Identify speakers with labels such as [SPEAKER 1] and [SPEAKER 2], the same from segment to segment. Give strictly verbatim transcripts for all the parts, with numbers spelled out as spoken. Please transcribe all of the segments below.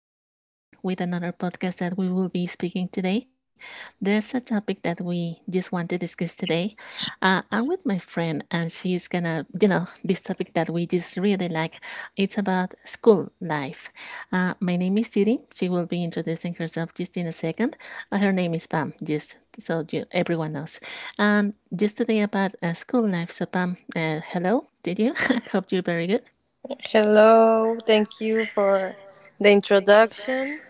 [SPEAKER 1] here we are again with another podcast that we will be speaking today. There's a topic that we just want to discuss today. Uh, I'm with my friend, and she's gonna, you know, this topic that we just really like. It's about school life. Uh, my name is Judy. She will be introducing herself just in a second. Uh, her name is Pam, just so you, everyone knows. And just today about uh, school life. So, Pam, uh, hello. Did you? Hope you're very good.
[SPEAKER 2] Hello, thank you for the introduction,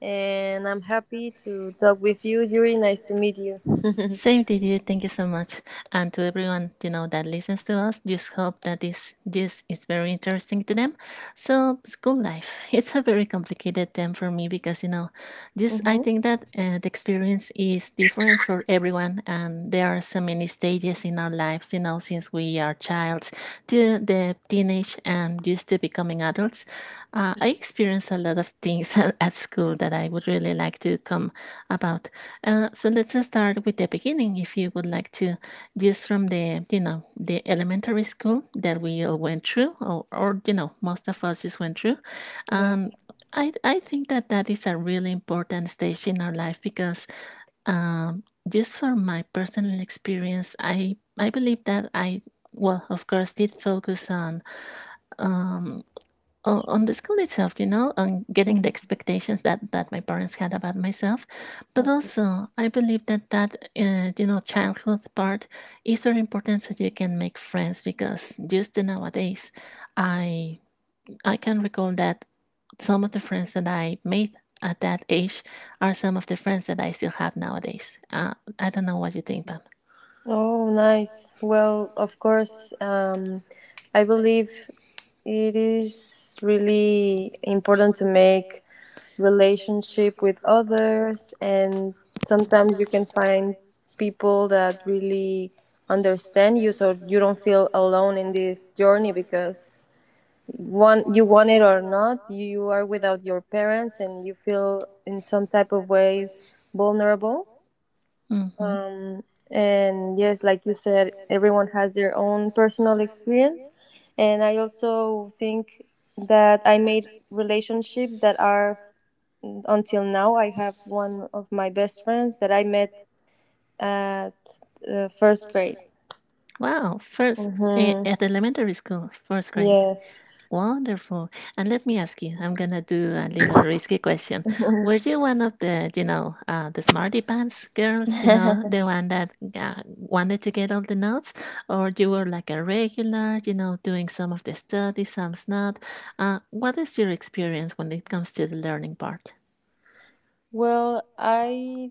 [SPEAKER 2] and I'm happy to talk with you, Yuri. Nice to meet you.
[SPEAKER 1] Same to you. Thank you so much. And to everyone, you know, that listens to us, just hope that this this is very interesting to them. So school life, it's a very complicated term for me because, you know, just I
[SPEAKER 2] Hmm.
[SPEAKER 1] think that uh, the experience is different for everyone. And there are so many stages in our lives, you know, since we are childs to the teenage and used to becoming adults. Uh, I experienced a lot of things at school that I would really like to come about uh, so let's uh, start with the beginning, if you would like to, just from the you know the elementary school that we all went through, or, or you know most of us just went through.
[SPEAKER 2] Yeah.
[SPEAKER 1] Um, I I think that that is a really important stage in our life because um, just from my personal experience, I I believe that I well of course did focus on. Um, uh, on the school itself, you know, on getting the
[SPEAKER 2] Mhm.
[SPEAKER 1] expectations that that my parents had about myself, but
[SPEAKER 2] Okay.
[SPEAKER 1] also I believe that that uh, you know childhood part is very important so you can make friends because just nowadays, I I can recall that some of the friends that I made at that age are some of the friends that I still have nowadays. Uh, I don't know what you think, Pam.
[SPEAKER 2] Oh, nice. Well, of course, um, I believe it is really important to make relationship with others, and sometimes you can find people that really understand you, so you don't feel alone in this journey because want you want it or not you are without your parents and you feel in some type of way vulnerable.
[SPEAKER 1] Hmm.
[SPEAKER 2] um, and yes, like you said, everyone has their own personal experience, and I also think that I made relationships that are until now. I have one of my best friends that I met at uh, first grade.
[SPEAKER 1] Wow, first eh,
[SPEAKER 2] Hmm.
[SPEAKER 1] at elementary school, first grade.
[SPEAKER 2] Yes.
[SPEAKER 1] Wonderful. And let me ask you, I'm gonna do a little risky question. Were you one of the, you know, uh, the smarty pants girls? You know, the one that uh, wanted to get all the notes, or you were like a regular, you know, doing some of the studies, some's not. Uh, what is your experience when it comes to the learning part?
[SPEAKER 2] Well, I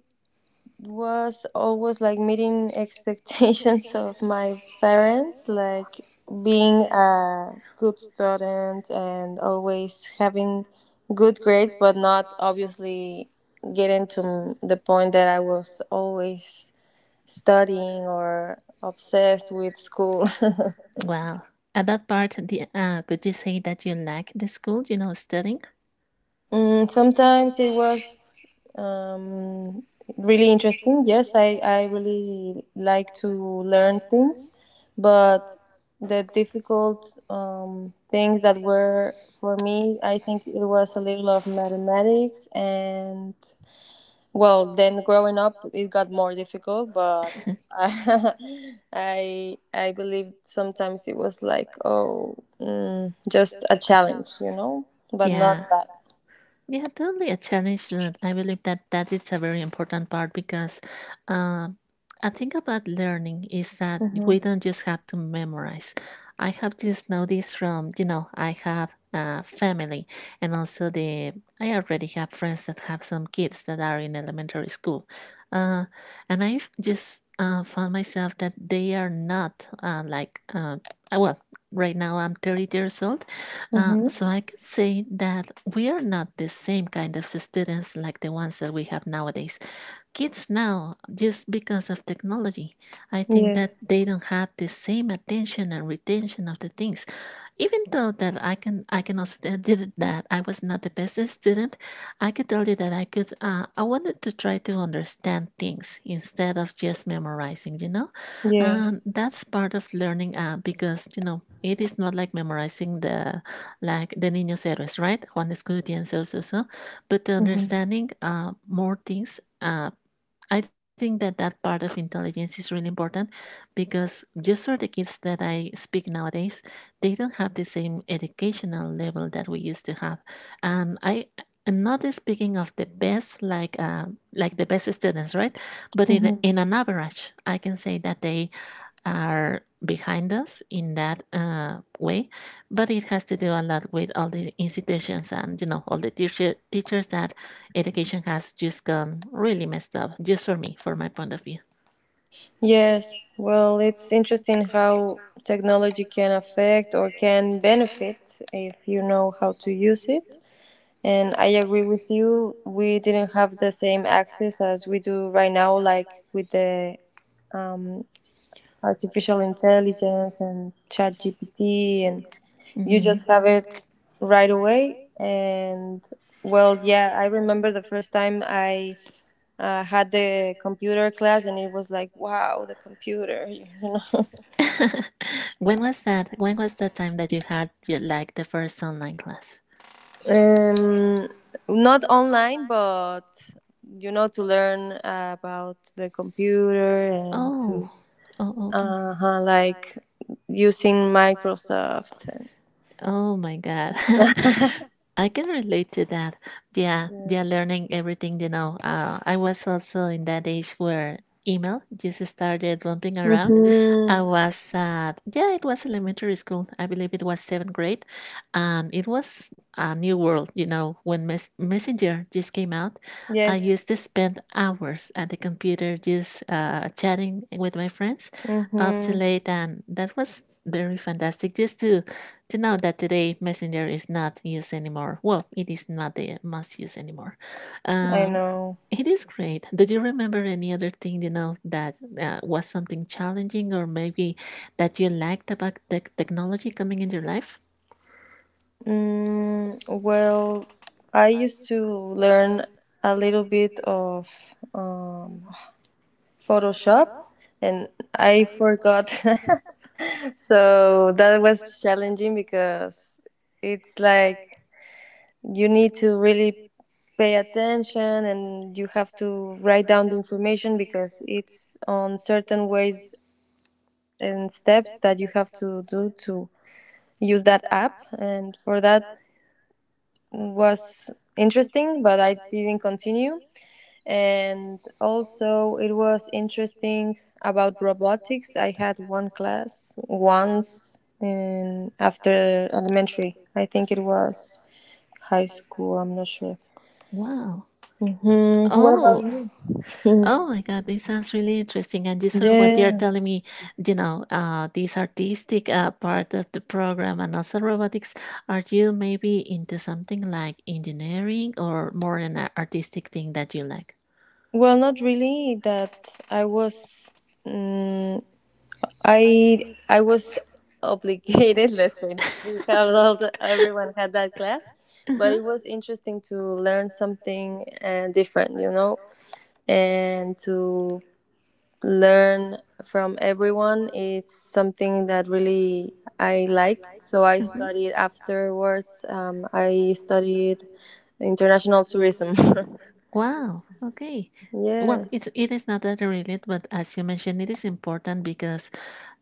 [SPEAKER 2] was always like meeting expectations of my parents, like being a good student and always having good grades, but not obviously getting to the point that I was always studying or obsessed with school.
[SPEAKER 1] Wow. At that part, the uh, could you say that you like the school, you know, studying?
[SPEAKER 2] Mm, sometimes it was um, really interesting. Yes, I, I really like to learn things, but the difficult um, things that were for me, I think it was a little of mathematics, and well, then growing up it got more difficult, but I I I believe sometimes it was like, oh, mm, just a challenge, you know, but not
[SPEAKER 1] Yeah.
[SPEAKER 2] bad.
[SPEAKER 1] Yeah, totally a challenge. But I believe that that is a very important part because uh, I think about learning is that
[SPEAKER 2] Mm-hmm.
[SPEAKER 1] we don't just have to memorize. I have just noticed from, you know, I have uh, family and also the, I already have friends that have some kids that are in elementary school. Uh, and I've just uh, found myself that they are not uh, like, uh, uh, well, right now I'm thirty years old uh,
[SPEAKER 2] Mm-hmm.
[SPEAKER 1] so I could say that we are not the same kind of students like the ones that we have nowadays kids now just because of technology. I think
[SPEAKER 2] Yes.
[SPEAKER 1] that they don't have the same attention and retention of the things, even though that i can i can also tell you that I was not the best student. I could tell you that i could uh, I wanted to try to understand things instead of just memorizing, you know.
[SPEAKER 2] Yes.
[SPEAKER 1] And that's part of learning uh, because you know it is not like memorizing the like the niños héroes, right, Juan Escutia, and so so so but the
[SPEAKER 2] Mm-hmm.
[SPEAKER 1] understanding uh, more things uh, I think that that part of intelligence is really important because just for the kids that I speak nowadays, they don't have the same educational level that we used to have, and I. am not speaking of the best, like uh, like the best students, right? But in
[SPEAKER 2] Mm-hmm.
[SPEAKER 1] in an average, I can say that they are behind us in that uh, way, but it has to do a lot with all the institutions and you know all the teacher, teachers that education has just gone really messed up. Just for me, for my point of view.
[SPEAKER 2] Yes. Well, it's interesting how technology can affect or can benefit if you know how to use it. And I agree with you. We didn't have the same access as we do right now, like with the um, artificial intelligence and chat G P T, and
[SPEAKER 1] You.
[SPEAKER 2] you
[SPEAKER 1] Mhm.
[SPEAKER 2] just have it right away. And well, yeah, I remember the first time I uh, had the computer class and it was like, wow, the computer. You know,
[SPEAKER 1] When was that? When was the time that you had your, like the first online class?
[SPEAKER 2] um, not online, but you know to learn about the computer and
[SPEAKER 1] Oh,
[SPEAKER 2] to
[SPEAKER 1] oh, oh, oh. um,
[SPEAKER 2] uh like using Microsoft and
[SPEAKER 1] Oh my God. I can relate to that. Yeah, yeah,
[SPEAKER 2] yes.
[SPEAKER 1] learning everything, you know. Uh, I was also in that age where email just started bumping around.
[SPEAKER 2] Hmm.
[SPEAKER 1] I was at, yeah, it was elementary school. I believe it was seventh grade. And it was a new world, you know, when mes- Messenger just came out. I Yeah.
[SPEAKER 2] Yes.
[SPEAKER 1] Used to spend hours at the computer just uh, chatting with my friends up to Mm.
[SPEAKER 2] Hmm.
[SPEAKER 1] late. And that was very fantastic just to to know that today Messenger is not used anymore. Well, it is not the must use anymore. I
[SPEAKER 2] I
[SPEAKER 1] Um,
[SPEAKER 2] know.
[SPEAKER 1] it is great. Did you remember any other thing you know that uh, was something challenging or maybe that you liked about the technology coming in your life?
[SPEAKER 2] Mm, well, I used to learn a little bit of um, Photoshop and I forgot. So that was challenging because it's like you need to really pay attention and you have to write down the information because it's on certain ways and steps that you have to do to use that app, and for that was interesting, but I didn't continue. And also it was interesting about robotics. I had one class once in after elementary, I think it was high school, I'm not sure.
[SPEAKER 1] Wow.
[SPEAKER 2] Hmm, what about
[SPEAKER 1] Oh,
[SPEAKER 2] you?
[SPEAKER 1] Oh my God, this sounds really interesting. And these are what they are
[SPEAKER 2] Yeah,
[SPEAKER 1] telling me, you know, uh, this artistic uh, part of the program and also robotics. Are you maybe into something like engineering or more an a- artistic thing that you like?
[SPEAKER 2] well, not really that i was Um. i i was obligated let's say to have all the, everyone had that class, but it was interesting to learn something uh, different, you know, and to learn from everyone. It's something that really I liked, so I
[SPEAKER 1] Mhm, mhm.
[SPEAKER 2] studied afterwards. Um, i studied international tourism.
[SPEAKER 1] Wow. Okay. Well,
[SPEAKER 2] Yes.
[SPEAKER 1] it's it is not that related, but as you mentioned, it is important because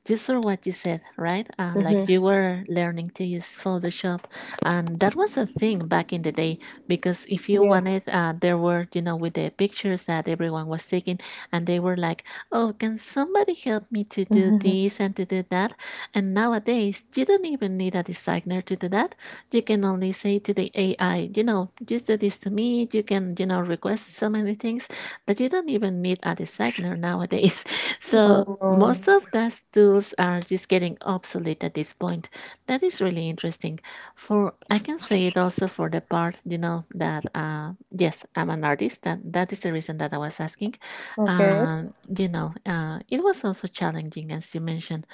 [SPEAKER 1] just for what you said, right? Uh,
[SPEAKER 2] Hmm.
[SPEAKER 1] like you were learning to use Photoshop, and that was a thing back in the day. Because if you
[SPEAKER 2] Yes.
[SPEAKER 1] wanted, uh, there were you know with the pictures that everyone was taking, and they were like, "Oh, can somebody help me to do
[SPEAKER 2] Hmm.
[SPEAKER 1] this and to do that?" And nowadays, you don't even need a designer to do that. You can only say to the A I, you know, just do this to me. You can, you know, request so many things that you don't even need a designer nowadays. So
[SPEAKER 2] Oh, no.
[SPEAKER 1] most of those tools are just getting obsolete at this point. That is really interesting. For I can say it also for the part, you know, that uh, yes, I'm an artist. That that is the reason that I was asking.
[SPEAKER 2] Okay.
[SPEAKER 1] Um, you know, uh, it was also challenging as you mentioned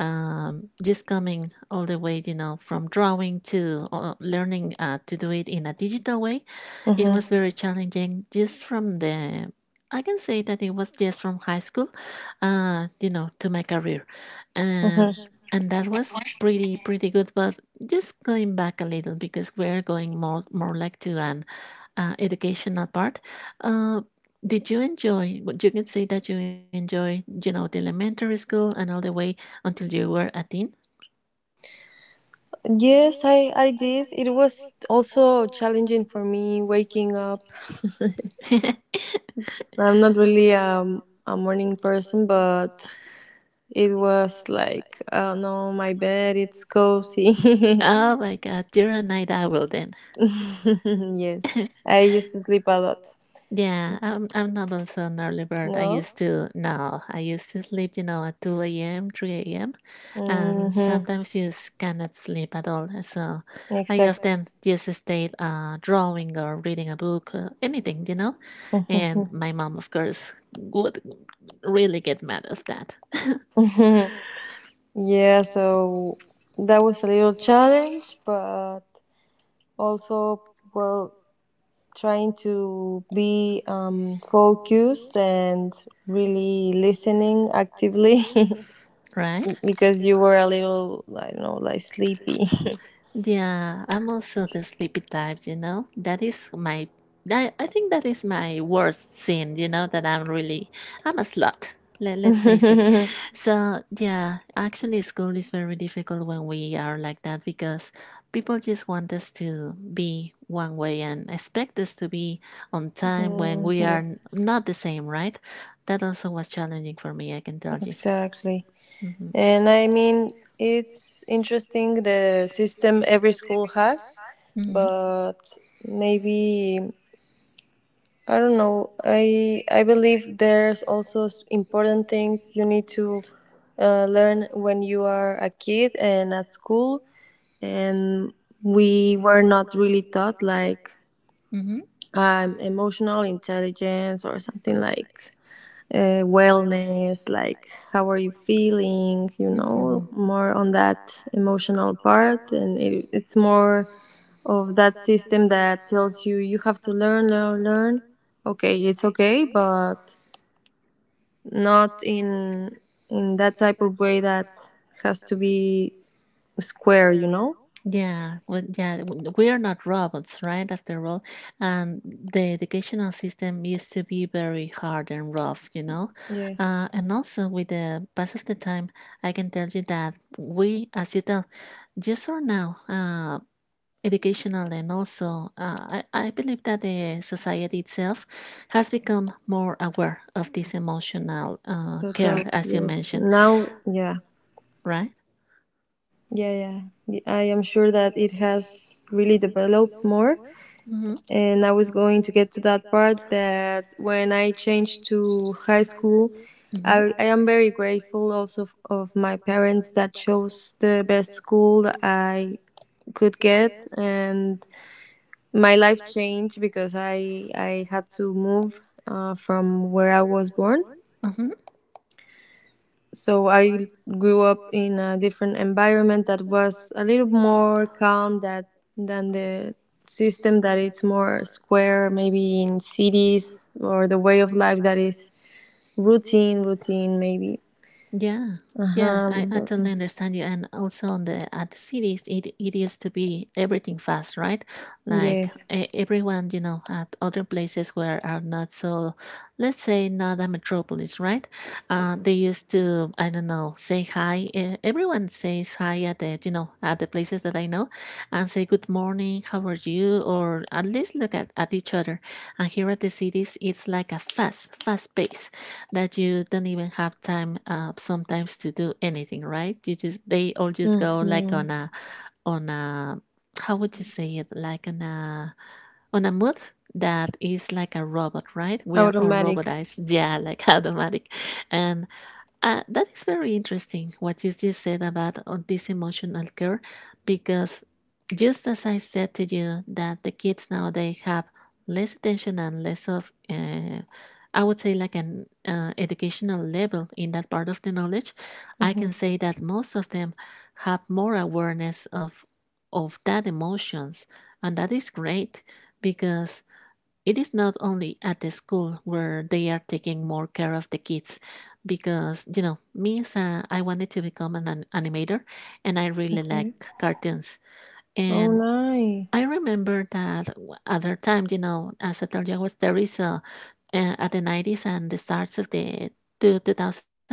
[SPEAKER 1] um, just coming all the way, you know, from drawing to uh, learning uh, to do it in a digital way, it
[SPEAKER 2] Hmm.
[SPEAKER 1] was very challenging. Just from the, I can say that it was just from high school, uh, you know, to my career. Um
[SPEAKER 2] Hmm.
[SPEAKER 1] and that was pretty pretty good, but just going back a little because we're going more more like to an uh, educational part. uh, did you enjoy what you can say that you enjoy you know the elementary school and all the way until you were a teen?
[SPEAKER 2] Yes, i i did. It was also challenging for me waking up. I'm not really um, a morning person, but it was like, oh no, my bed, it's cozy.
[SPEAKER 1] Oh my God, you're a night owl then.
[SPEAKER 2] Yes, I used to sleep a lot.
[SPEAKER 1] Yeah, I'm I'm not also an early bird. I
[SPEAKER 2] No?
[SPEAKER 1] used to no, I used to sleep, you know, at two a m, three a m and
[SPEAKER 2] Mm-hmm.
[SPEAKER 1] sometimes you s- cannot sleep at all. eh, So I
[SPEAKER 2] Exactly.
[SPEAKER 1] often just stayed uh, drawing or reading a book, uh, anything, you know. And my mom, of course, would really get mad of that,
[SPEAKER 2] Yeah, so that was a little challenge, but also, well, trying to be um, focused and really listening actively,
[SPEAKER 1] right?
[SPEAKER 2] because you were a little, I don't know, like sleepy.
[SPEAKER 1] Yeah, I'm also the sleepy type, you know. That is my I I think that is my worst sin, you know, that I'm really I'm a slut. Let, let's face it. Mhm. So, yeah, actually school is very difficult when we are like that because people just want us to be one way and expect us to be on time when
[SPEAKER 2] Mm,
[SPEAKER 1] we are n-
[SPEAKER 2] yes.
[SPEAKER 1] not the same, right? That also was challenging for me, I can tell you.
[SPEAKER 2] Exactly.
[SPEAKER 1] Mhm.
[SPEAKER 2] And I mean, it's interesting the system every school has,
[SPEAKER 1] Mhm.
[SPEAKER 2] but maybe, I don't know. I I believe there's also s- important things you need to uh, learn when you are a kid and at school, and we were not really taught like
[SPEAKER 1] Mhm.
[SPEAKER 2] um, emotional intelligence or something like uh, wellness, like how are you feeling, you
[SPEAKER 1] Mhm.
[SPEAKER 2] know,
[SPEAKER 1] Mhm.
[SPEAKER 2] more on that
[SPEAKER 1] That.
[SPEAKER 2] emotional part. And it, it's more of that system that tells you you have to learn, learn, learn. Okay, it's okay, but not in in that type of way that has to be square, you know.
[SPEAKER 1] Yeah, well, yeah, w- we are not robots, right? After all, and the educational system used to be very hard and rough, you know.
[SPEAKER 2] Yes,
[SPEAKER 1] Uh, and also, with the pass of the time, I can tell you that we, as you tell, yes or now, uh, educational and also, uh, I, I believe that the society itself has become more aware of this emotional uh,
[SPEAKER 2] total.
[SPEAKER 1] care, as you
[SPEAKER 2] Yes.
[SPEAKER 1] mentioned,
[SPEAKER 2] Now, yeah,
[SPEAKER 1] right?
[SPEAKER 2] yeah, yeah. Y- I am sure that it has really developed more,
[SPEAKER 1] Mm-hmm,
[SPEAKER 2] and I was going to get to that part that when I changed to high school,
[SPEAKER 1] mm-hmm,
[SPEAKER 2] I, I am very grateful also of, of my parents that chose the best school that I could get, and my life changed because I I had to move uh, from where I was born. So I grew up in a different environment that was a little more calm that than the system that it's more square, maybe in cities or the way of life that is routine, routine maybe.
[SPEAKER 1] yeah, yeah,
[SPEAKER 2] Uh-huh.
[SPEAKER 1] I,
[SPEAKER 2] But-
[SPEAKER 1] totally understand you. And also on the at the cities, it it used to be everything fast, right? Like
[SPEAKER 2] Yes.
[SPEAKER 1] Yeah. e- everyone, you know, at other places where are not so, let's say, not a metropolis, right? Uh, hmm they used to, I don't know, say hi. e- Everyone says hi at the, you know, at the places that I know, and say good morning, how are you, or at least look at at each other. And here at the cities, it's like a fast, fast pace that you don't even have time uh, sometimes to do anything, right? You just, they all just go like
[SPEAKER 2] Mm-hmm.
[SPEAKER 1] on a on a how would you say it, like on a on a mood that is like a robot, right? We are all
[SPEAKER 2] Automatic.
[SPEAKER 1] robotized. Yeah, like automatic. And uh, that is very interesting what you just said about uh, this emotional care, because just as I said to you, that the kids nowadays have less attention and less of, uh, I would say, like an uh, educational level in that part of the knowledge, I
[SPEAKER 2] Mm-hmm.
[SPEAKER 1] can say that most of them have more awareness of of that emotions, and that is great, because it is not only at the school where they are taking more care of the kids, because, you know, me as a, I wanted to become an, an animator, and I really like
[SPEAKER 2] Okay.
[SPEAKER 1] cartoons.
[SPEAKER 2] Oh,
[SPEAKER 1] And I
[SPEAKER 2] nice.
[SPEAKER 1] remember that w- other times, you know, as I told you, I was there is a, uh, at the nineties and the starts of the two- 2000s,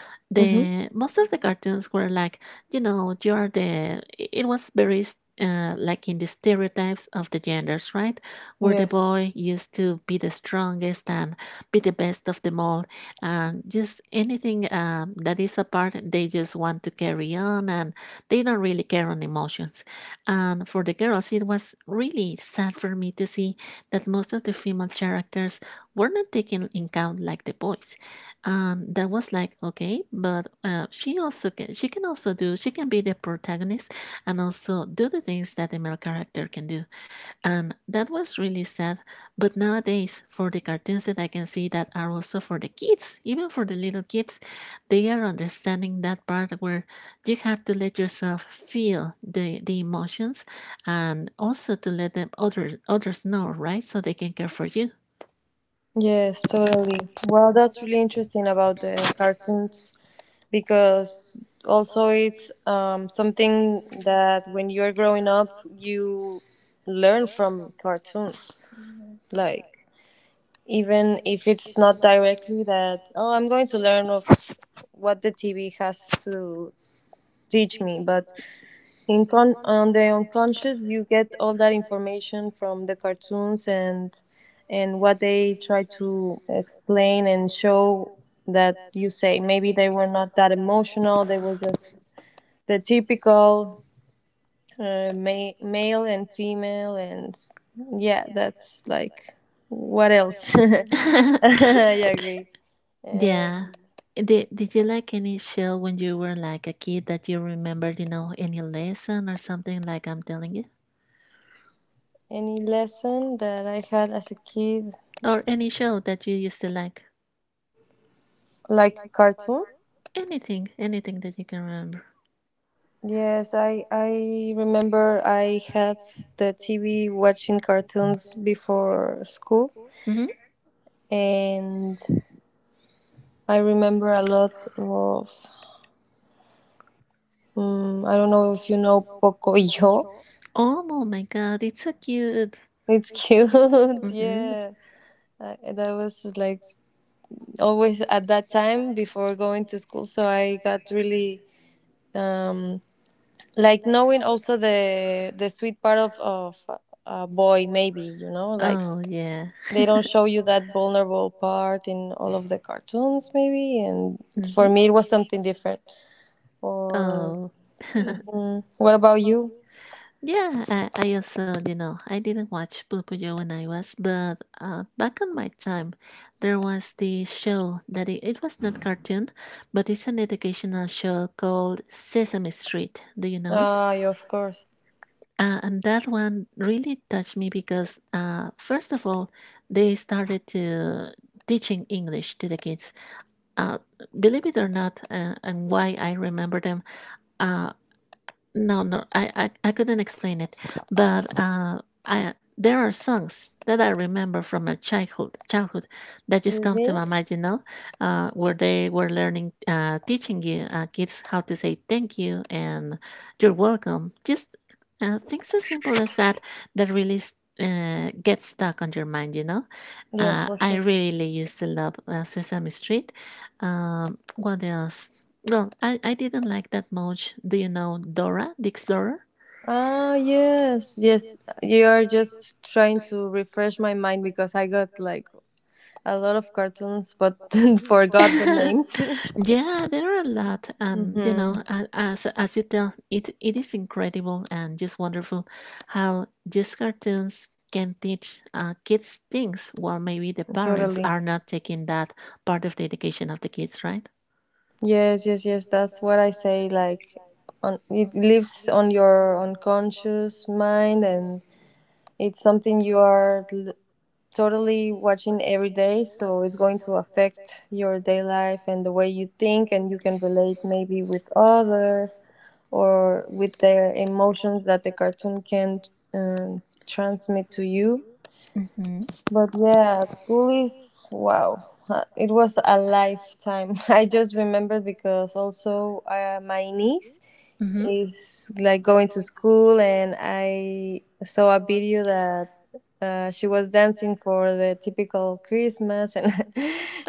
[SPEAKER 1] the
[SPEAKER 2] Mm-hmm.
[SPEAKER 1] most of the cartoons were like, you know, you're the, it was very s- uh, like in the stereotypes of the genders, right? Where the
[SPEAKER 2] Yes.
[SPEAKER 1] boy used to be the strongest and be the best of them all, and just anything um, that is apart, they just want to carry on and they don't really care on emotions. And for the girls, it was really sad for me to see that most of the female characters were not taken in count like the boys. And that was like, okay, but uh, she also can, she can also do, she can be the protagonist and also do the things that the male character can do. And that was really sad. But nowadays, for the cartoons that I can see that are also for the kids, even for the little kids, they are understanding that part where you have to let yourself feel the, the emotions and also to let them others others know, right? So they can care for you.
[SPEAKER 2] Yes, totally. Well, that's really interesting about the cartoons because also it's um, something that when you're growing up you learn from cartoons, like, even if it's not directly that, oh, I'm going to learn of what the TV has to teach me, but in con- on the unconscious you get all that information from the cartoons, and and what they try to explain and show, that you say maybe they were not that emotional, they were just the typical uh, ma- male and female, and yeah, that's like, what else? I agree.
[SPEAKER 1] Yeah.
[SPEAKER 2] And
[SPEAKER 1] Did, did you like any show when you were like a kid that you remembered, you know, any lesson or something like I'm telling you?
[SPEAKER 2] any lesson that I had as a kid?
[SPEAKER 1] Or any show that you used to like?
[SPEAKER 2] Like a cartoon?
[SPEAKER 1] Anything, anything that you can remember.
[SPEAKER 2] Yes, i i remember I had the TV watching cartoons before school,
[SPEAKER 1] Hmm.
[SPEAKER 2] and I remember a lot of, um, I don't know if you know Pocoyo.
[SPEAKER 1] Oh, oh my God, it's so cute.
[SPEAKER 2] It's cute,
[SPEAKER 1] Hmm.
[SPEAKER 2] yeah. Uh, that was like always at that time before going to school, so I got really um, like knowing also the the sweet part of of a boy, maybe, you know, like
[SPEAKER 1] Oh yeah.
[SPEAKER 2] they don't show you that vulnerable part in all of the cartoons, maybe. And for me,
[SPEAKER 1] Hmm.
[SPEAKER 2] it was something different. Or
[SPEAKER 1] Oh
[SPEAKER 2] Mhm. What about you?
[SPEAKER 1] yeah. I, I also, you know, I didn't watch Bokujo when I was, but uh, back on my time, there was this show that it, it was not cartoon, but it's an educational show called Sesame Street. Do you know it?
[SPEAKER 2] Ah, yeah, of
[SPEAKER 1] No, no.
[SPEAKER 2] course.
[SPEAKER 1] Uh, and that one really touched me because, uh, first of all, they started to teaching English to the kids. Uh, Believe it or not, uh, and why I remember them, uh, no, no, I, I, I couldn't explain it, but uh, I there are songs that I remember from my childhood, childhood, that just come to
[SPEAKER 2] Really?
[SPEAKER 1] my mind, you know, uh, where they were learning, uh, teaching you uh, kids how to say thank you and you're welcome. Just uh, things as simple as that, that really s- uh, get stuck on your mind, you know.
[SPEAKER 2] Yes,
[SPEAKER 1] Uh,
[SPEAKER 2] for
[SPEAKER 1] I
[SPEAKER 2] sure.
[SPEAKER 1] really used to love uh, Sesame Street. um, what else? Well, I, I didn't like that much. Do you know Dora the Explorer?
[SPEAKER 2] Ah, yes, yes. You are just trying to refresh my mind because I got like a lot of cartoons but forgot the names.
[SPEAKER 1] Yeah, there are a lot, and you know,
[SPEAKER 2] Mm-hmm.
[SPEAKER 1] a- as as you tell, it it is incredible and just wonderful how just cartoons can teach uh, kids things while maybe the parents
[SPEAKER 2] Totally.
[SPEAKER 1] are Correct. Not taking that part of the education of the kids, right?
[SPEAKER 2] Yes, yes, yes. That's what I say. Like, on it lives on your unconscious mind, and it's something you are l- totally watching every day, so it's going to affect your day life and the way you think, and you can relate maybe with others or with their emotions that the cartoon can um, transmit to you.
[SPEAKER 1] Mm-hmm.
[SPEAKER 2] But yeah, at school is wow. Uh, It was a lifetime. I just remember because also uh, my niece
[SPEAKER 1] Mm-hmm.
[SPEAKER 2] is like going to school and I saw a video that uh, she was dancing for the typical Christmas and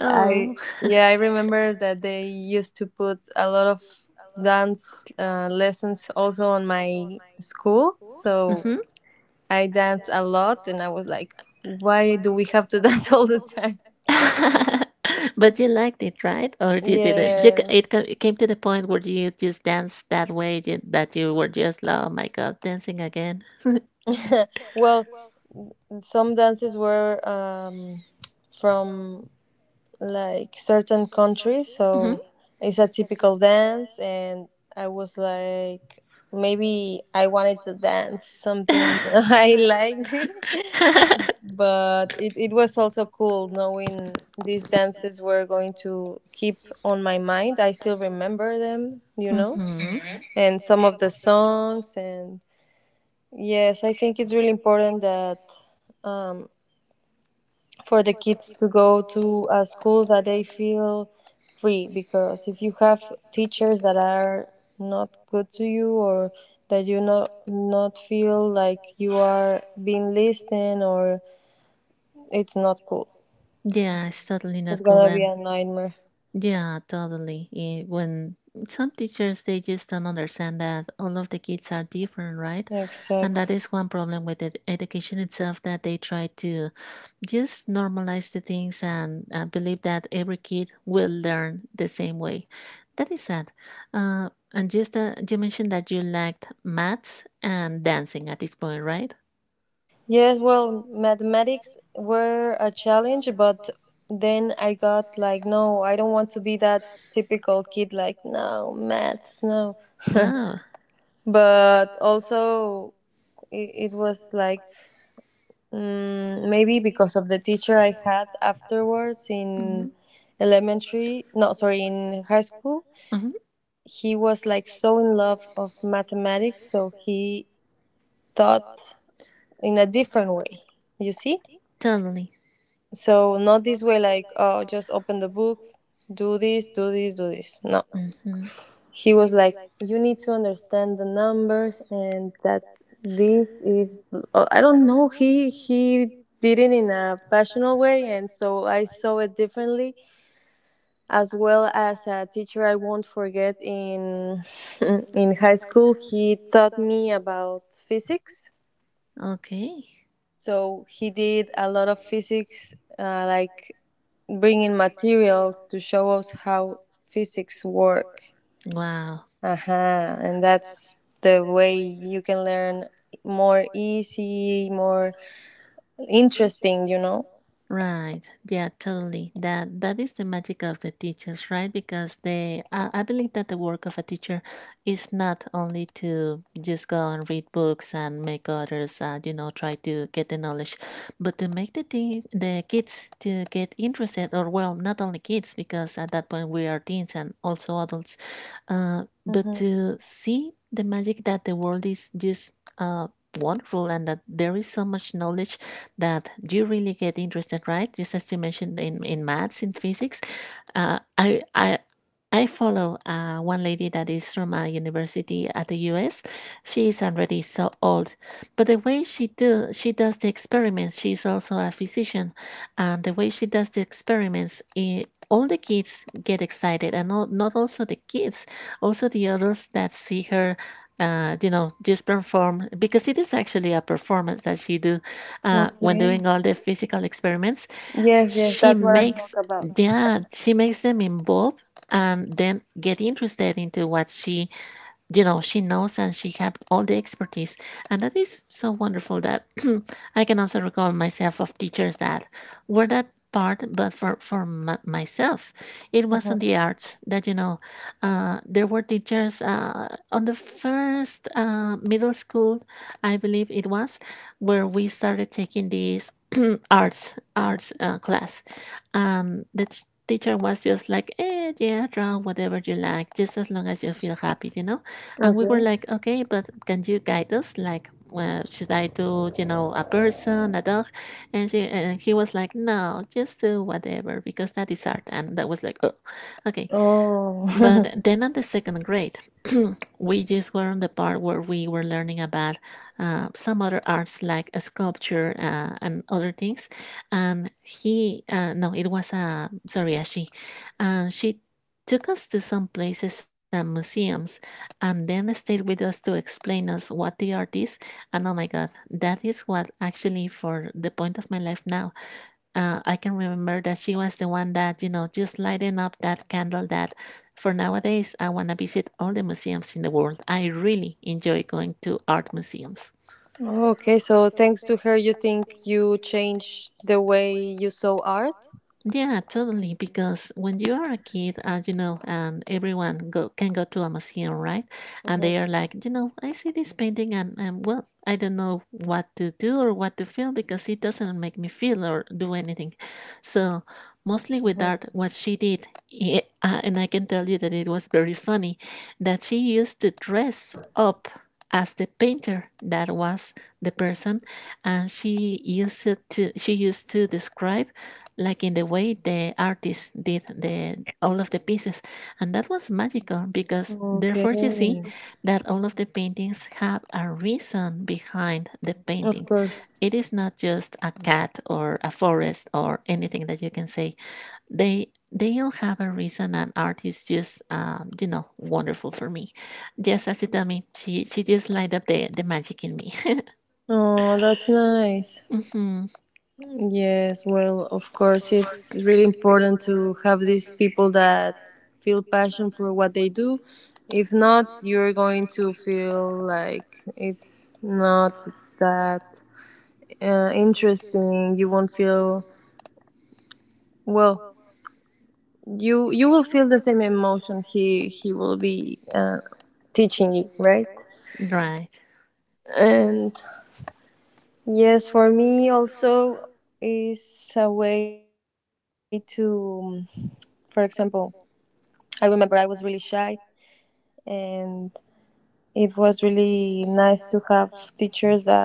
[SPEAKER 1] I
[SPEAKER 2] I,
[SPEAKER 1] Oh.
[SPEAKER 2] yeah, I remember that they used to put a lot of dance uh, lessons also on my school, so
[SPEAKER 1] Mm-hmm.
[SPEAKER 2] I danced a lot and I was like, why do we have to dance all the time?
[SPEAKER 1] But you liked it, right? Or you didn't? You, c-
[SPEAKER 2] Yes.
[SPEAKER 1] it, ca- it came to the point where you just danced that way you, that you were just like, oh my god, dancing again.
[SPEAKER 2] Well, some dances were um, from like certain countries.
[SPEAKER 1] Hmm.
[SPEAKER 2] So it's a typical dance, and I was like, maybe I wanted to dance something I liked,
[SPEAKER 1] Hmm.
[SPEAKER 2] but it, it was also cool knowing these dances were going to keep on my mind. I still remember them, you know, and some of the songs. And yes, I think it's really important that. Um, for the kids to go to a school that they feel free, because if you have teachers that are not good to you or that you not not feel like you are being listened, or it's not cool,
[SPEAKER 1] Yeah, it's totally not It's
[SPEAKER 2] it's gonna be
[SPEAKER 1] cool.
[SPEAKER 2] a nightmare.
[SPEAKER 1] Yeah, totally. Eh, when some teachers, they just don't understand that all of the kids are different, right? And that
[SPEAKER 2] Exactly.
[SPEAKER 1] is one problem with it, education itself, that they try to just normalize the things and uh, believe that every kid will learn the same way. That is sad. Uh, and just uh, you mentioned that you liked maths and dancing at this point, right?
[SPEAKER 2] Yes, well, mathematics were a challenge, but then I got like, no, I don't want to be that typical kid like, no, maths, no.
[SPEAKER 1] Yeah, wow.
[SPEAKER 2] But also it, it was like, mm, maybe because of the teacher I had afterwards
[SPEAKER 1] Hmm.
[SPEAKER 2] in elementary, no, sorry, in high school.
[SPEAKER 1] Sing. Hmm.
[SPEAKER 2] He was like so in love of mathematics, so he taught in a different way. You see,
[SPEAKER 1] Totally.
[SPEAKER 2] so not this way like, oh, just open the book, do this, do this, do this. No,
[SPEAKER 1] Mm-hmm.
[SPEAKER 2] he was like, you need to understand the numbers and that this is uh, I don't know, he he did it in a passionate way, and so I saw it differently, as well as a teacher I won't forget in in high school. He taught me about physics,
[SPEAKER 1] Okay.
[SPEAKER 2] so he did a lot of physics uh, like bringing materials to show us how physics work.
[SPEAKER 1] Wow.
[SPEAKER 2] Uh-huh. And that's the way you can learn more easy, more interesting, you know?
[SPEAKER 1] Right. Yeah, totally. That that is the magic of the teachers, right? Because they I I believe that the work of a teacher is not only to just go and read books and make others uh, you know, try to get the knowledge, but to make the teen, the kids to get interested, or well, not only kids, because at that point we are teens and also adults. Uh, but
[SPEAKER 2] Mm-hmm.
[SPEAKER 1] to see the magic that the world is just uh wonderful, and that there is so much knowledge that you really get interested, right? Just as you mentioned in, in maths, in physics. Uh, I, I, I follow uh, one lady that is from a university at the U S. She is already so old, but the way she do she does the experiments. She is also a physician, and the way she does the experiments, I- all the kids get excited, and not, not also the kids, also the others that see her. Uh, you know, just perform, because it is actually a performance that she do, uh, when
[SPEAKER 2] Okay.
[SPEAKER 1] doing all the physical experiments,
[SPEAKER 2] Yes, yes,
[SPEAKER 1] she
[SPEAKER 2] that's what I
[SPEAKER 1] makes
[SPEAKER 2] talk about.
[SPEAKER 1] yeah she makes them involved and then get interested into what she you know she knows, and she had all the expertise. And that is so wonderful that I can also recall myself of teachers that were that part, but for for m- myself it was
[SPEAKER 2] Mhm.
[SPEAKER 1] on the arts that you know uh, there were teachers uh, on the first uh, middle school, I believe it was, where we started taking these arts arts uh, class. um, the t- teacher was just like, eh, yeah, draw whatever you like, just as long as you feel happy, you know. And we were
[SPEAKER 2] Okay.
[SPEAKER 1] like, okay, but can you guide us? Like, well, should I do, you know, a person, a dog? And she and he was like, no, just do whatever because that is art. And that was like, oh, okay.
[SPEAKER 2] Oh.
[SPEAKER 1] But then at the second grade, we just were on the part where we were learning about uh, some other arts, like a sculpture uh, and other things. And he, uh, no, it was a, sorry, a she. And she took us to some places and museums, and then they stayed with us to explain us what the art is. And oh my god, that is what actually for the point of my life now, uh, I can remember that she was the one that you know just lighting up that candle, that for nowadays I want to visit all the museums in the world. I really enjoy going to art museums.
[SPEAKER 2] Okay. So thanks to her, you think you changed the way you saw art?
[SPEAKER 1] Yeah, totally. Because when you are a kid, uh, you know, and everyone go, can go to a museum, right? And
[SPEAKER 2] Mm-hmm.
[SPEAKER 1] they are like, you know, I see this painting, and, and well, I don't know what to do or what to feel, because it doesn't make me feel or do anything. So, mostly with
[SPEAKER 2] Mm-hmm.
[SPEAKER 1] art, what she did, i- uh, and I can tell you that it was very funny, that she used to dress up as the painter that was the person, and she used it to she used to describe like in the way the artist did the all of the pieces. And that was magical, because
[SPEAKER 2] Okay.
[SPEAKER 1] therefore you see that all of the paintings have a reason behind the
[SPEAKER 2] Of
[SPEAKER 1] painting.
[SPEAKER 2] course.
[SPEAKER 1] It is not just a cat or a forest or anything that you can say. They they all have a reason, and art is just um, you know, wonderful for me. Just as you tell me, she she just light up the the magic in me.
[SPEAKER 2] Oh, that's nice.
[SPEAKER 1] Mhm.
[SPEAKER 2] Yes, well, of course, it's really important to have these people that feel passion for what they do. If not, you're going to feel like it's not that uh, interesting. You won't feel well. You you will feel the same emotion he he will be uh, teaching you, right?
[SPEAKER 1] Right,
[SPEAKER 2] And yes, for me also is a way to, for example, I remember I was really shy, and it was really nice to have teachers that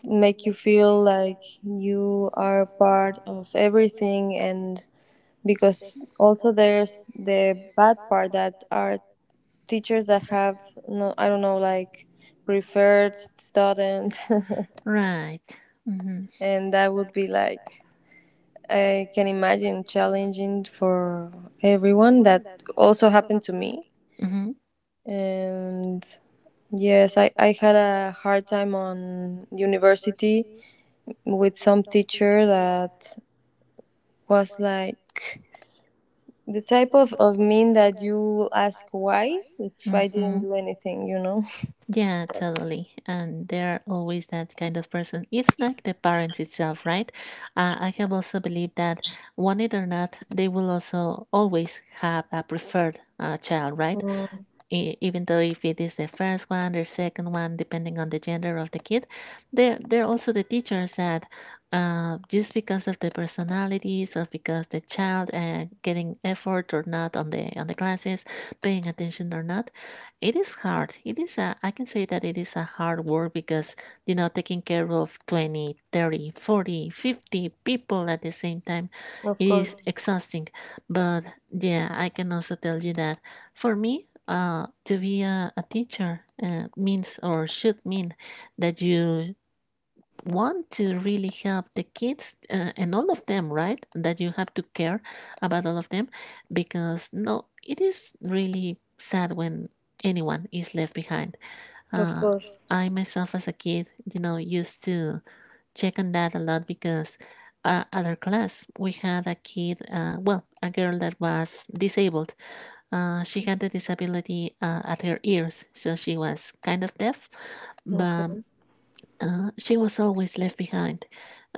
[SPEAKER 2] make you feel like you are part of everything. And because also there's the bad part that are teachers that have no, I don't know, like preferred students.
[SPEAKER 1] right, mm-hmm.
[SPEAKER 2] And that would be like I can imagine challenging for everyone. That also happened to me.
[SPEAKER 1] Mm-hmm.
[SPEAKER 2] And yes, I, I had a hard time on university with some teacher that was like the type of, of mean that you ask why if I didn't
[SPEAKER 1] Mm-hmm.
[SPEAKER 2] do anything, you know?
[SPEAKER 1] Yeah, totally. And they're always that kind of person. It's like the parents itself, right? Uh, I have also believed that, want it or not, they will also always have a preferred uh, child, right?
[SPEAKER 2] Mm,
[SPEAKER 1] e- even though if it is the first one or second one depending on the gender of the kid, there there are also the teachers that uh, just because of the personalities or because the child uh, getting effort or not on the on the classes, paying attention or not, it is hard, it is a I can say that it is a hard work, because you know, taking care of twenty, thirty, forty, fifty people at the same time,
[SPEAKER 2] of
[SPEAKER 1] it
[SPEAKER 2] course,
[SPEAKER 1] is exhausting. But yeah, I can also tell you that for me, uh, to be a, a teacher uh, means or should mean that you want to really help the kids uh, and all of them, right? That you have to care about all of them because no, it is really sad when anyone is left behind.
[SPEAKER 2] of
[SPEAKER 1] Uh,
[SPEAKER 2] course.
[SPEAKER 1] I myself, as a kid, you know, used to check on that a lot because uh, at our class we had a kid, uh, well, a girl that was disabled. Uh, she had the disability uh, at her ears, so she was kind of deaf, but
[SPEAKER 2] Okay.
[SPEAKER 1] uh, she was always left behind.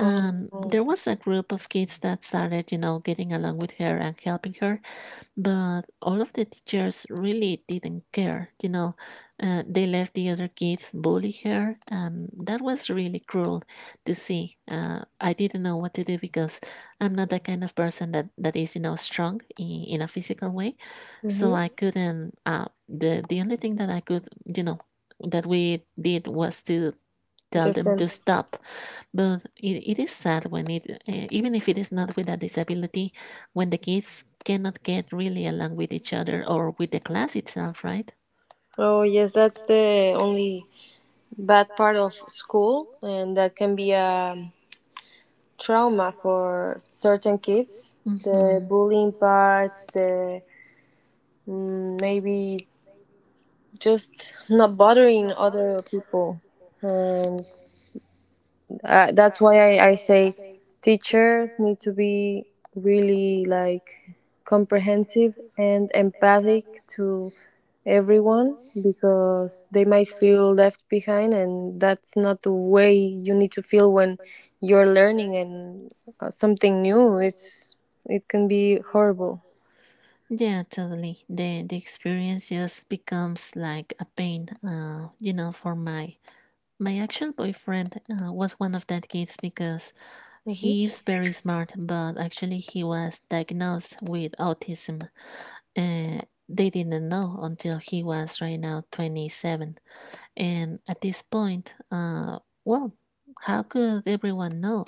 [SPEAKER 2] Oh,
[SPEAKER 1] There was a group of kids that started, you know, getting along with her and helping her, but all of the teachers really didn't care, you know. Uh, they left the other kids bully her, and that was really cruel to see. Uh, I didn't know what to do because I'm not the kind of person that, that is, you know, strong in, in a physical way. So
[SPEAKER 2] mm-hmm.
[SPEAKER 1] I couldn't, uh, the, the only thing that I could, you know, that we did was to tell them to
[SPEAKER 2] Depends.
[SPEAKER 1] stop. But it, it is sad when it, uh, even if it is not with a disability, when the kids cannot get really along with each other or with the class itself, right?
[SPEAKER 2] Oh, yes, that's the only bad part of school, and that can be a trauma for certain kids. The
[SPEAKER 1] Mm-hmm.
[SPEAKER 2] bullying part, the, mm, maybe just not bothering other people, and uh, that's why I, I say teachers need to be really like comprehensive and empathic to everyone, because they might feel left behind, and that's not the way you need to feel when you're learning, and uh, something new, it's, it can be horrible.
[SPEAKER 1] Yeah, totally. The the experience just becomes like a pain. Uh, you know, for my my actual boyfriend uh, was one of that kids because
[SPEAKER 2] Hmm.
[SPEAKER 1] he is very smart, but actually he was diagnosed with autism. Uh, they didn't know until he was right now twenty-seven. And at this point, uh, well, how could everyone know?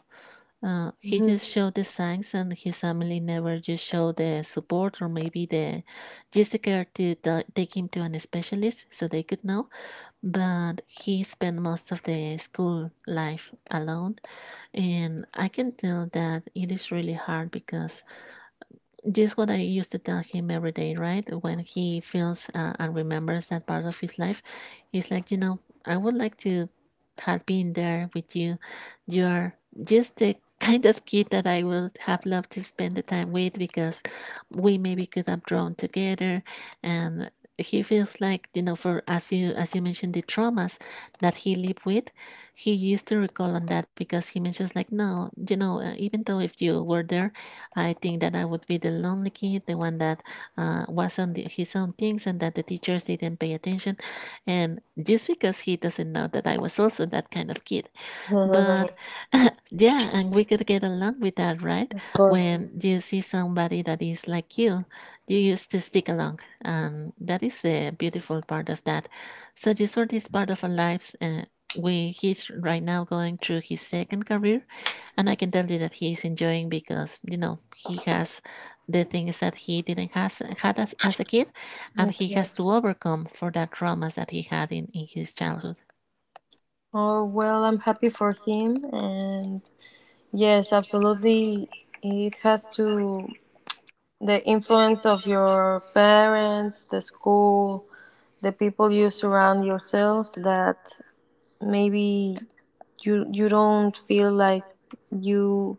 [SPEAKER 1] Uh, he
[SPEAKER 2] Hmm.
[SPEAKER 1] just showed the signs, and his family never just showed the support, or maybe the just the care to ta- take him to an specialist so they could know. But he spent most of the school life alone, and I can tell that it is really hard because this is what I used to tell him every day, right? When he feels uh, and remembers that part of his life, he's like, you know, I would like to have been there with you. You're just the kind of kid that I would have loved to spend the time with, because we maybe could have drawn together. And he feels like, you know for as you as you mentioned the traumas that he lived with, he used to recall on that because he mentions like, no, you know uh, even though if you were there, I think that I would be the lonely kid, the one that uh, was on the, his own things, and that the teachers didn't pay attention. And just because he doesn't know that I was also that kind of kid. But yeah, and we could get along with that, right?
[SPEAKER 2] Of course.
[SPEAKER 1] When you see somebody that is like you, you used to stick along. And that is the beautiful part of that. So Jesus is part of our lives. Uh, we, he's right now going through his second career. And I can tell you that he is enjoying because, you know, he has the things that he didn't has, had as, as a kid. And he
[SPEAKER 2] Okay.
[SPEAKER 1] has to overcome for that traumas that he had in, in his childhood.
[SPEAKER 2] Oh, well, I'm happy for him. And yes, absolutely. It has to, the influence of your parents, the school, the people you surround yourself, that maybe you, you don't feel like you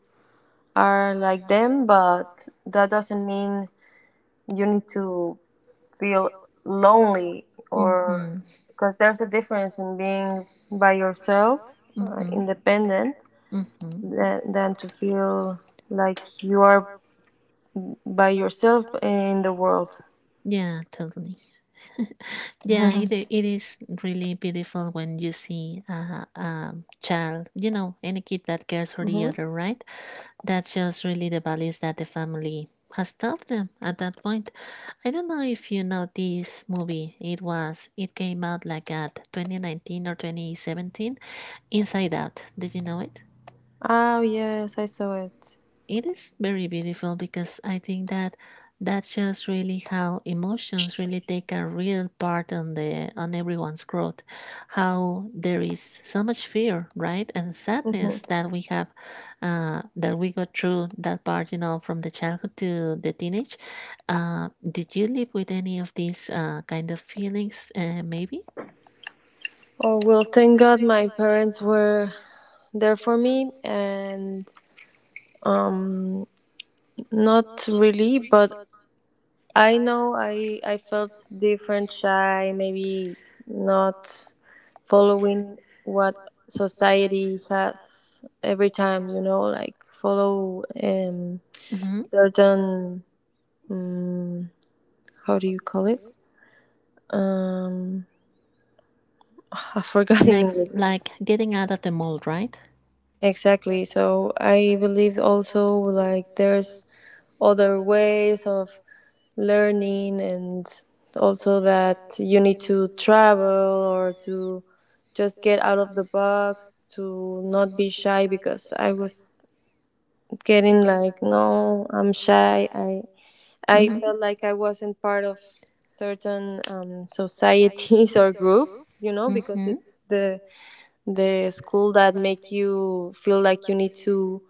[SPEAKER 2] are like them, but that doesn't mean you need to feel lonely or,
[SPEAKER 1] Mm-hmm.
[SPEAKER 2] because there's a difference in being by yourself, uh,
[SPEAKER 1] Mm-hmm.
[SPEAKER 2] independent,
[SPEAKER 1] Mm-hmm.
[SPEAKER 2] than, than to feel like you are by yourself in the world.
[SPEAKER 1] Yeah, totally. yeah, it, i- it is really beautiful when you see a, a child, you know, any kid that cares for the
[SPEAKER 2] Hmm.
[SPEAKER 1] other, right? That shows really the values that the family has taught them at that point. I don't know if you know this movie. It was, it came out like at twenty nineteen or twenty seventeen, Inside Out. Did you know it?
[SPEAKER 2] Oh, yes, I saw it.
[SPEAKER 1] It is very beautiful because I think that that shows really how emotions really take a real part on the on everyone's growth. How there is so much fear, right, and
[SPEAKER 2] Hmm.
[SPEAKER 1] sadness that we have, uh, that we go through that part, you know, from the childhood to the teenage. Uh, did you live with any of these uh, kind of feelings? Uh, maybe,
[SPEAKER 2] Oh, well, thank God my parents were there for me and, um, not really, but I know I I felt different, shy, maybe not following what society has every time, you know, like follow, um,
[SPEAKER 1] hmm
[SPEAKER 2] certain, mm, how do you call it? Um, I forgot in
[SPEAKER 1] like
[SPEAKER 2] English.
[SPEAKER 1] like getting out of the mold, right?
[SPEAKER 2] Exactly. So I believe also like there's other ways of learning, and also that you need to travel or to just get out of the box to not be shy, because I was getting like, no, I'm shy, I I
[SPEAKER 1] Mm-hmm.
[SPEAKER 2] felt like I wasn't part of certain, um, societies or groups, you know, because
[SPEAKER 1] Hmm.
[SPEAKER 2] it's the the school that make you feel like you need to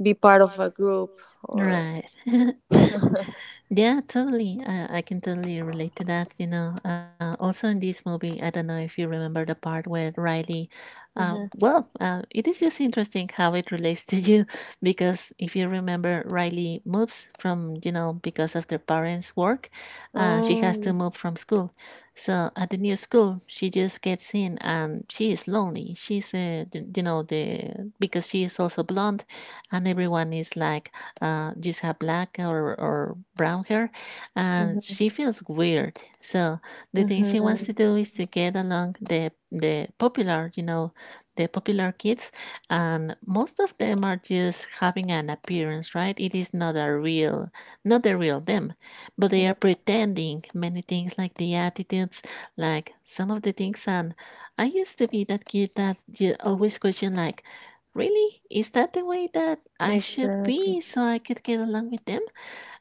[SPEAKER 2] be part of a group or.
[SPEAKER 1] Right.
[SPEAKER 2] Hmm.
[SPEAKER 1] Yeah, totally. Uh, I can totally relate to that. You know, uh, also in this movie, I don't know if you remember the part where Riley, uh, well, uh, it is just interesting how it relates to you because if you remember, Riley moves from, you know, because of their parents' work, uh, she
[SPEAKER 2] Oh
[SPEAKER 1] has to
[SPEAKER 2] yes.
[SPEAKER 1] move from school. So at the new school, she just gets in and she is lonely. She's, uh, the- you know, the because she is also blonde, and everyone is like, uh, just have black or, or brown hair, and
[SPEAKER 2] Mm-hmm.
[SPEAKER 1] she feels weird. So the thing she wants to
[SPEAKER 2] Mm-hmm.
[SPEAKER 1] do is to get along the the popular, you know, the popular kids, and most of them are just having an appearance, right? It is not a real, not the real them, but they are
[SPEAKER 2] Yeah.
[SPEAKER 1] pretending many things like the attitudes, like some of the things, and I used to be that kid that ju- always question like, really? Is that the way that I should
[SPEAKER 2] Exactly.
[SPEAKER 1] be so I could get along with them?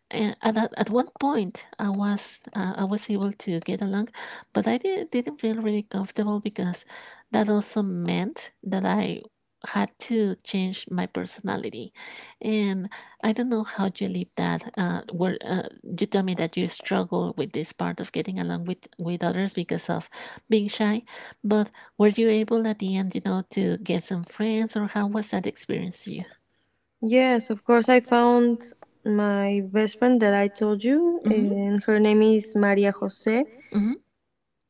[SPEAKER 1] And at, at at one point i was uh, i was able to get along, but i did, didn't feel really comfortable because that also meant that I had to change my personality, and I don't know how you live that, uh, where uh, you tell me that you struggle with this part of getting along with with others because of being shy. But were you able at the end, you know to get some friends? Or how was that experience to you?
[SPEAKER 2] Yes, of course. I found my best friend that I told you,
[SPEAKER 1] Hmm.
[SPEAKER 2] and her name is Maria Jose.
[SPEAKER 1] Hmm.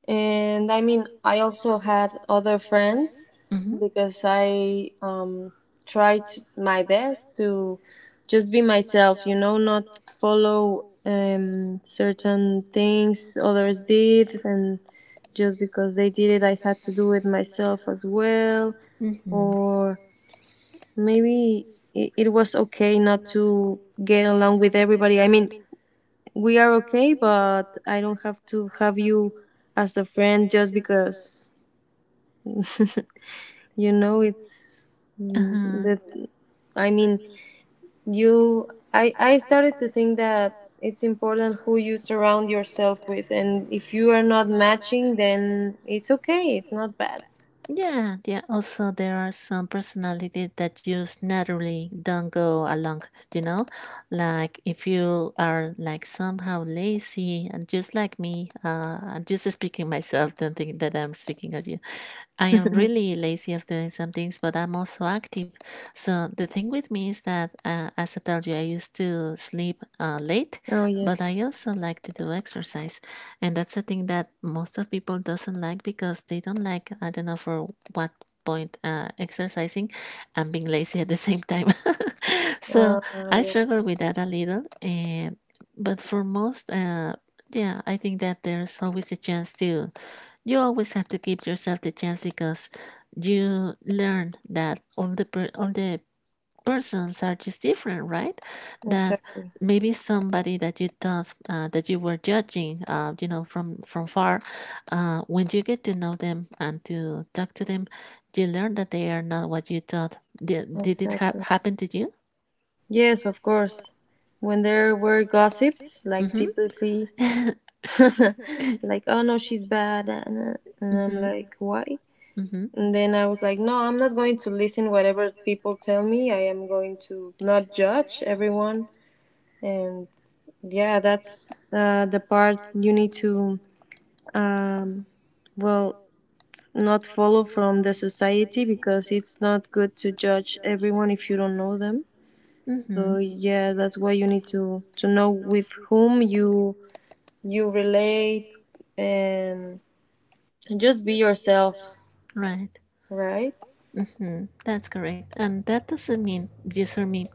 [SPEAKER 2] And I mean, I also had other friends
[SPEAKER 1] Mm-hmm.
[SPEAKER 2] because I, um, tried to- my best to just be myself, you know, not follow, um, certain things others did, and just because they did it, I had to do it myself as well,
[SPEAKER 1] Mm-hmm.
[SPEAKER 2] or maybe it, it was okay not to get along with everybody. I mean, we are okay, but I don't have to have you as a friend just because you know it's, mm,
[SPEAKER 1] Uh-huh.
[SPEAKER 2] that, I mean, you, i i started to think that it's important who you surround yourself with, and if you are not matching, then it's okay, it's not bad.
[SPEAKER 1] Yeah, yeah. Also, there are some personalities that just naturally don't go along, you know? Like, if you are like somehow lazy and just like me, uh, I'm just speaking myself, don't think that I'm speaking of you. I am really lazy of doing some things, but I'm also active. So the thing with me is that, uh, as I told you, I used to sleep uh, late,
[SPEAKER 2] Oh
[SPEAKER 1] but
[SPEAKER 2] yes.
[SPEAKER 1] I also like to do exercise, and that's a thing that most of people doesn't like because they don't like, I don't know for what point, uh, exercising and being lazy at the same time. So
[SPEAKER 2] Uh,
[SPEAKER 1] I
[SPEAKER 2] yeah.
[SPEAKER 1] struggle with that a little, uh, but for most, uh, yeah, I think that there's always a chance to, you always have to give yourself the chance because you learn that all the per- all the persons are just different, right? That
[SPEAKER 2] Exactly.
[SPEAKER 1] maybe somebody that you thought, uh, that you were judging, uh, you know from from far, uh, when you get to know them and to talk to them, you learn that they are not what you thought. Did, did it ha-
[SPEAKER 2] Exactly.
[SPEAKER 1] happen to you?
[SPEAKER 2] Yes, of course. When there were gossips,
[SPEAKER 1] Mm-hmm.
[SPEAKER 2] like
[SPEAKER 1] Mm-hmm.
[SPEAKER 2] typically. Like, oh no, she's bad, and, uh, and I'm like, why?
[SPEAKER 1] Mm-hmm.
[SPEAKER 2] And then I was like, no, I'm not going to listen whatever people tell me. I am going to not judge everyone. And yeah, that's uh, the part you need to, um, well, not follow from the society, because it's not good to judge everyone if you don't know them. So
[SPEAKER 1] Mm-hmm.
[SPEAKER 2] yeah, that's why you need to to know with whom you you relate, and just be yourself,
[SPEAKER 1] Right.
[SPEAKER 2] right?
[SPEAKER 1] Mm-hmm. That's correct. And that doesn't mean just for me,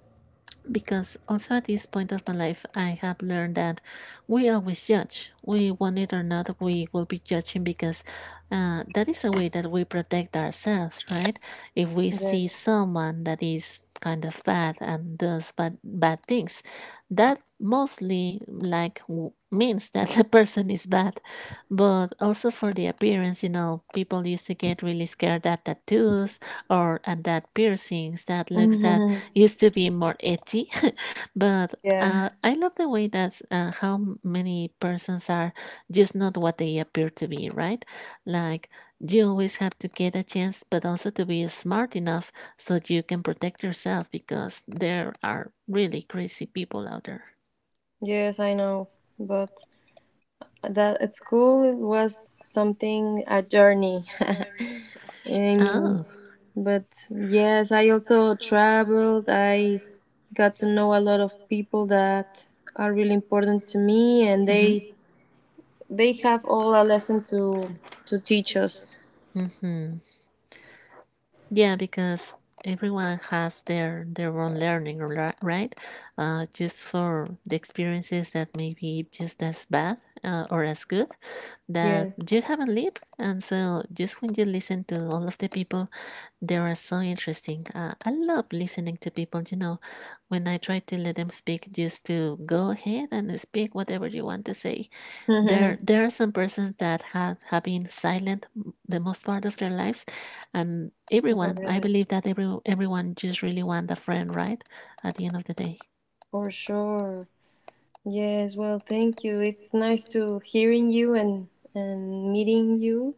[SPEAKER 1] because also at this point of my life, I have learned that we always judge. We want it or not, we will be judging because uh, that is a way that we protect ourselves, right? If we see
[SPEAKER 2] Yes.
[SPEAKER 1] someone that is kind of bad and does bad, bad things, that mostly like w- means that the person is bad. But also for the appearance, you know people used to get really scared at tattoos, or and that piercings that looks that used to be more edgy. But
[SPEAKER 2] Yeah.
[SPEAKER 1] uh, I love the way that uh, how many persons are just not what they appear to be, right? Like, you always have to get a chance, but also to be smart enough so you can protect yourself because there are really crazy people out there.
[SPEAKER 2] Yes, I know, but that at school was something a journey. I
[SPEAKER 1] Oh.
[SPEAKER 2] mean, but yes, I also traveled. I got to know a lot of people that are really important to me, and they
[SPEAKER 1] Mm-hmm.
[SPEAKER 2] they have all a lesson to to teach us.
[SPEAKER 1] Mm-hmm. Yeah, because everyone has their their own learning, ri- right? Uh, just for the experiences that may be just as bad, uh, or as good that
[SPEAKER 2] Yes.
[SPEAKER 1] you haven't lived, and so just when you listen to all of the people, they are so interesting. Uh, I love listening to people. You know, when I try to let them speak, just to go ahead and speak whatever you want to say, there there are some persons that have have been silent the most part of their lives. And everyone, I
[SPEAKER 2] Yeah,
[SPEAKER 1] believe that every everyone just really want a friend, right? At the end of the day.
[SPEAKER 2] for sure. Yes, well, thank you. It's nice to hearing you and and meeting you,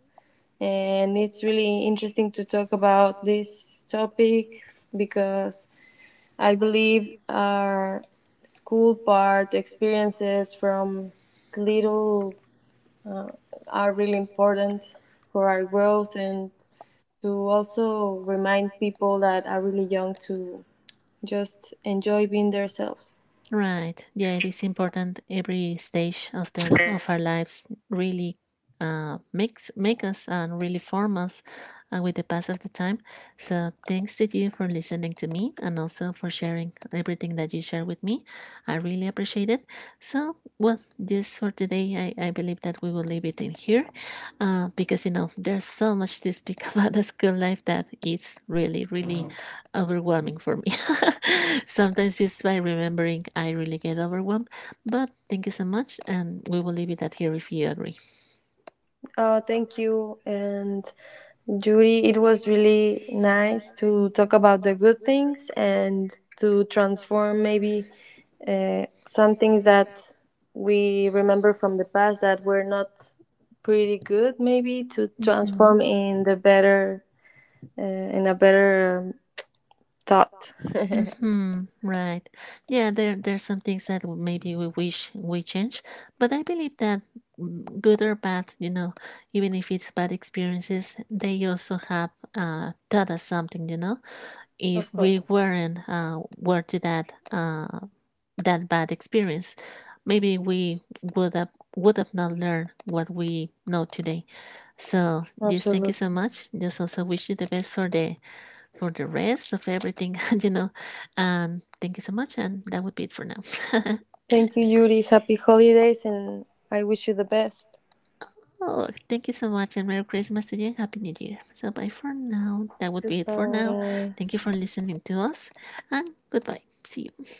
[SPEAKER 2] and it's really interesting to talk about this topic, because I believe our school part experiences from little are really important for our growth, and to also remind people that are really young to just enjoy being themselves.
[SPEAKER 1] Right. Yeah, it is important. Every stage of their of our lives really uh, makes make us, and really form us uh, with the pass of the time. So thanks to you for listening to me and also for sharing everything that you share with me. I really appreciate it. So well, just for today, I, I believe that we will leave it in here, uh, because you know there's so much to speak about the school life that it's really really overwhelming for me. Sometimes just by remembering, I really get overwhelmed. But thank you so much, and we will leave it at here if you agree.
[SPEAKER 2] Oh, thank you. And Judy, it was really nice to talk about the good things and to transform maybe, uh, some things that we remember from the past that were not pretty good, maybe to
[SPEAKER 1] Mm-hmm.
[SPEAKER 2] transform in the better, uh, in a better, um, thought.
[SPEAKER 1] Mm-hmm. Right. Yeah, there there's some things that w- maybe we wish we change, but I believe that, mm, good or bad, you know, even if it's bad experiences, they also have uh, taught us something, you know.
[SPEAKER 2] Of
[SPEAKER 1] If we
[SPEAKER 2] course,
[SPEAKER 1] weren't, uh, were to that, uh, that bad experience, maybe we would have would have not learned what we know today. So just thank you so
[SPEAKER 2] absolutely.
[SPEAKER 1] much. Just also wish you the best for the for the rest of everything. you know. Um thank you so much, and that would be it for now.
[SPEAKER 2] Thank you, Yuri. Happy holidays, and I wish you the best.
[SPEAKER 1] Oh, thank you so much, and Merry Christmas to you and Happy New Year. So bye for now. That would be it for now.
[SPEAKER 2] Goodbye.
[SPEAKER 1] Thank you for listening to us and goodbye. See you.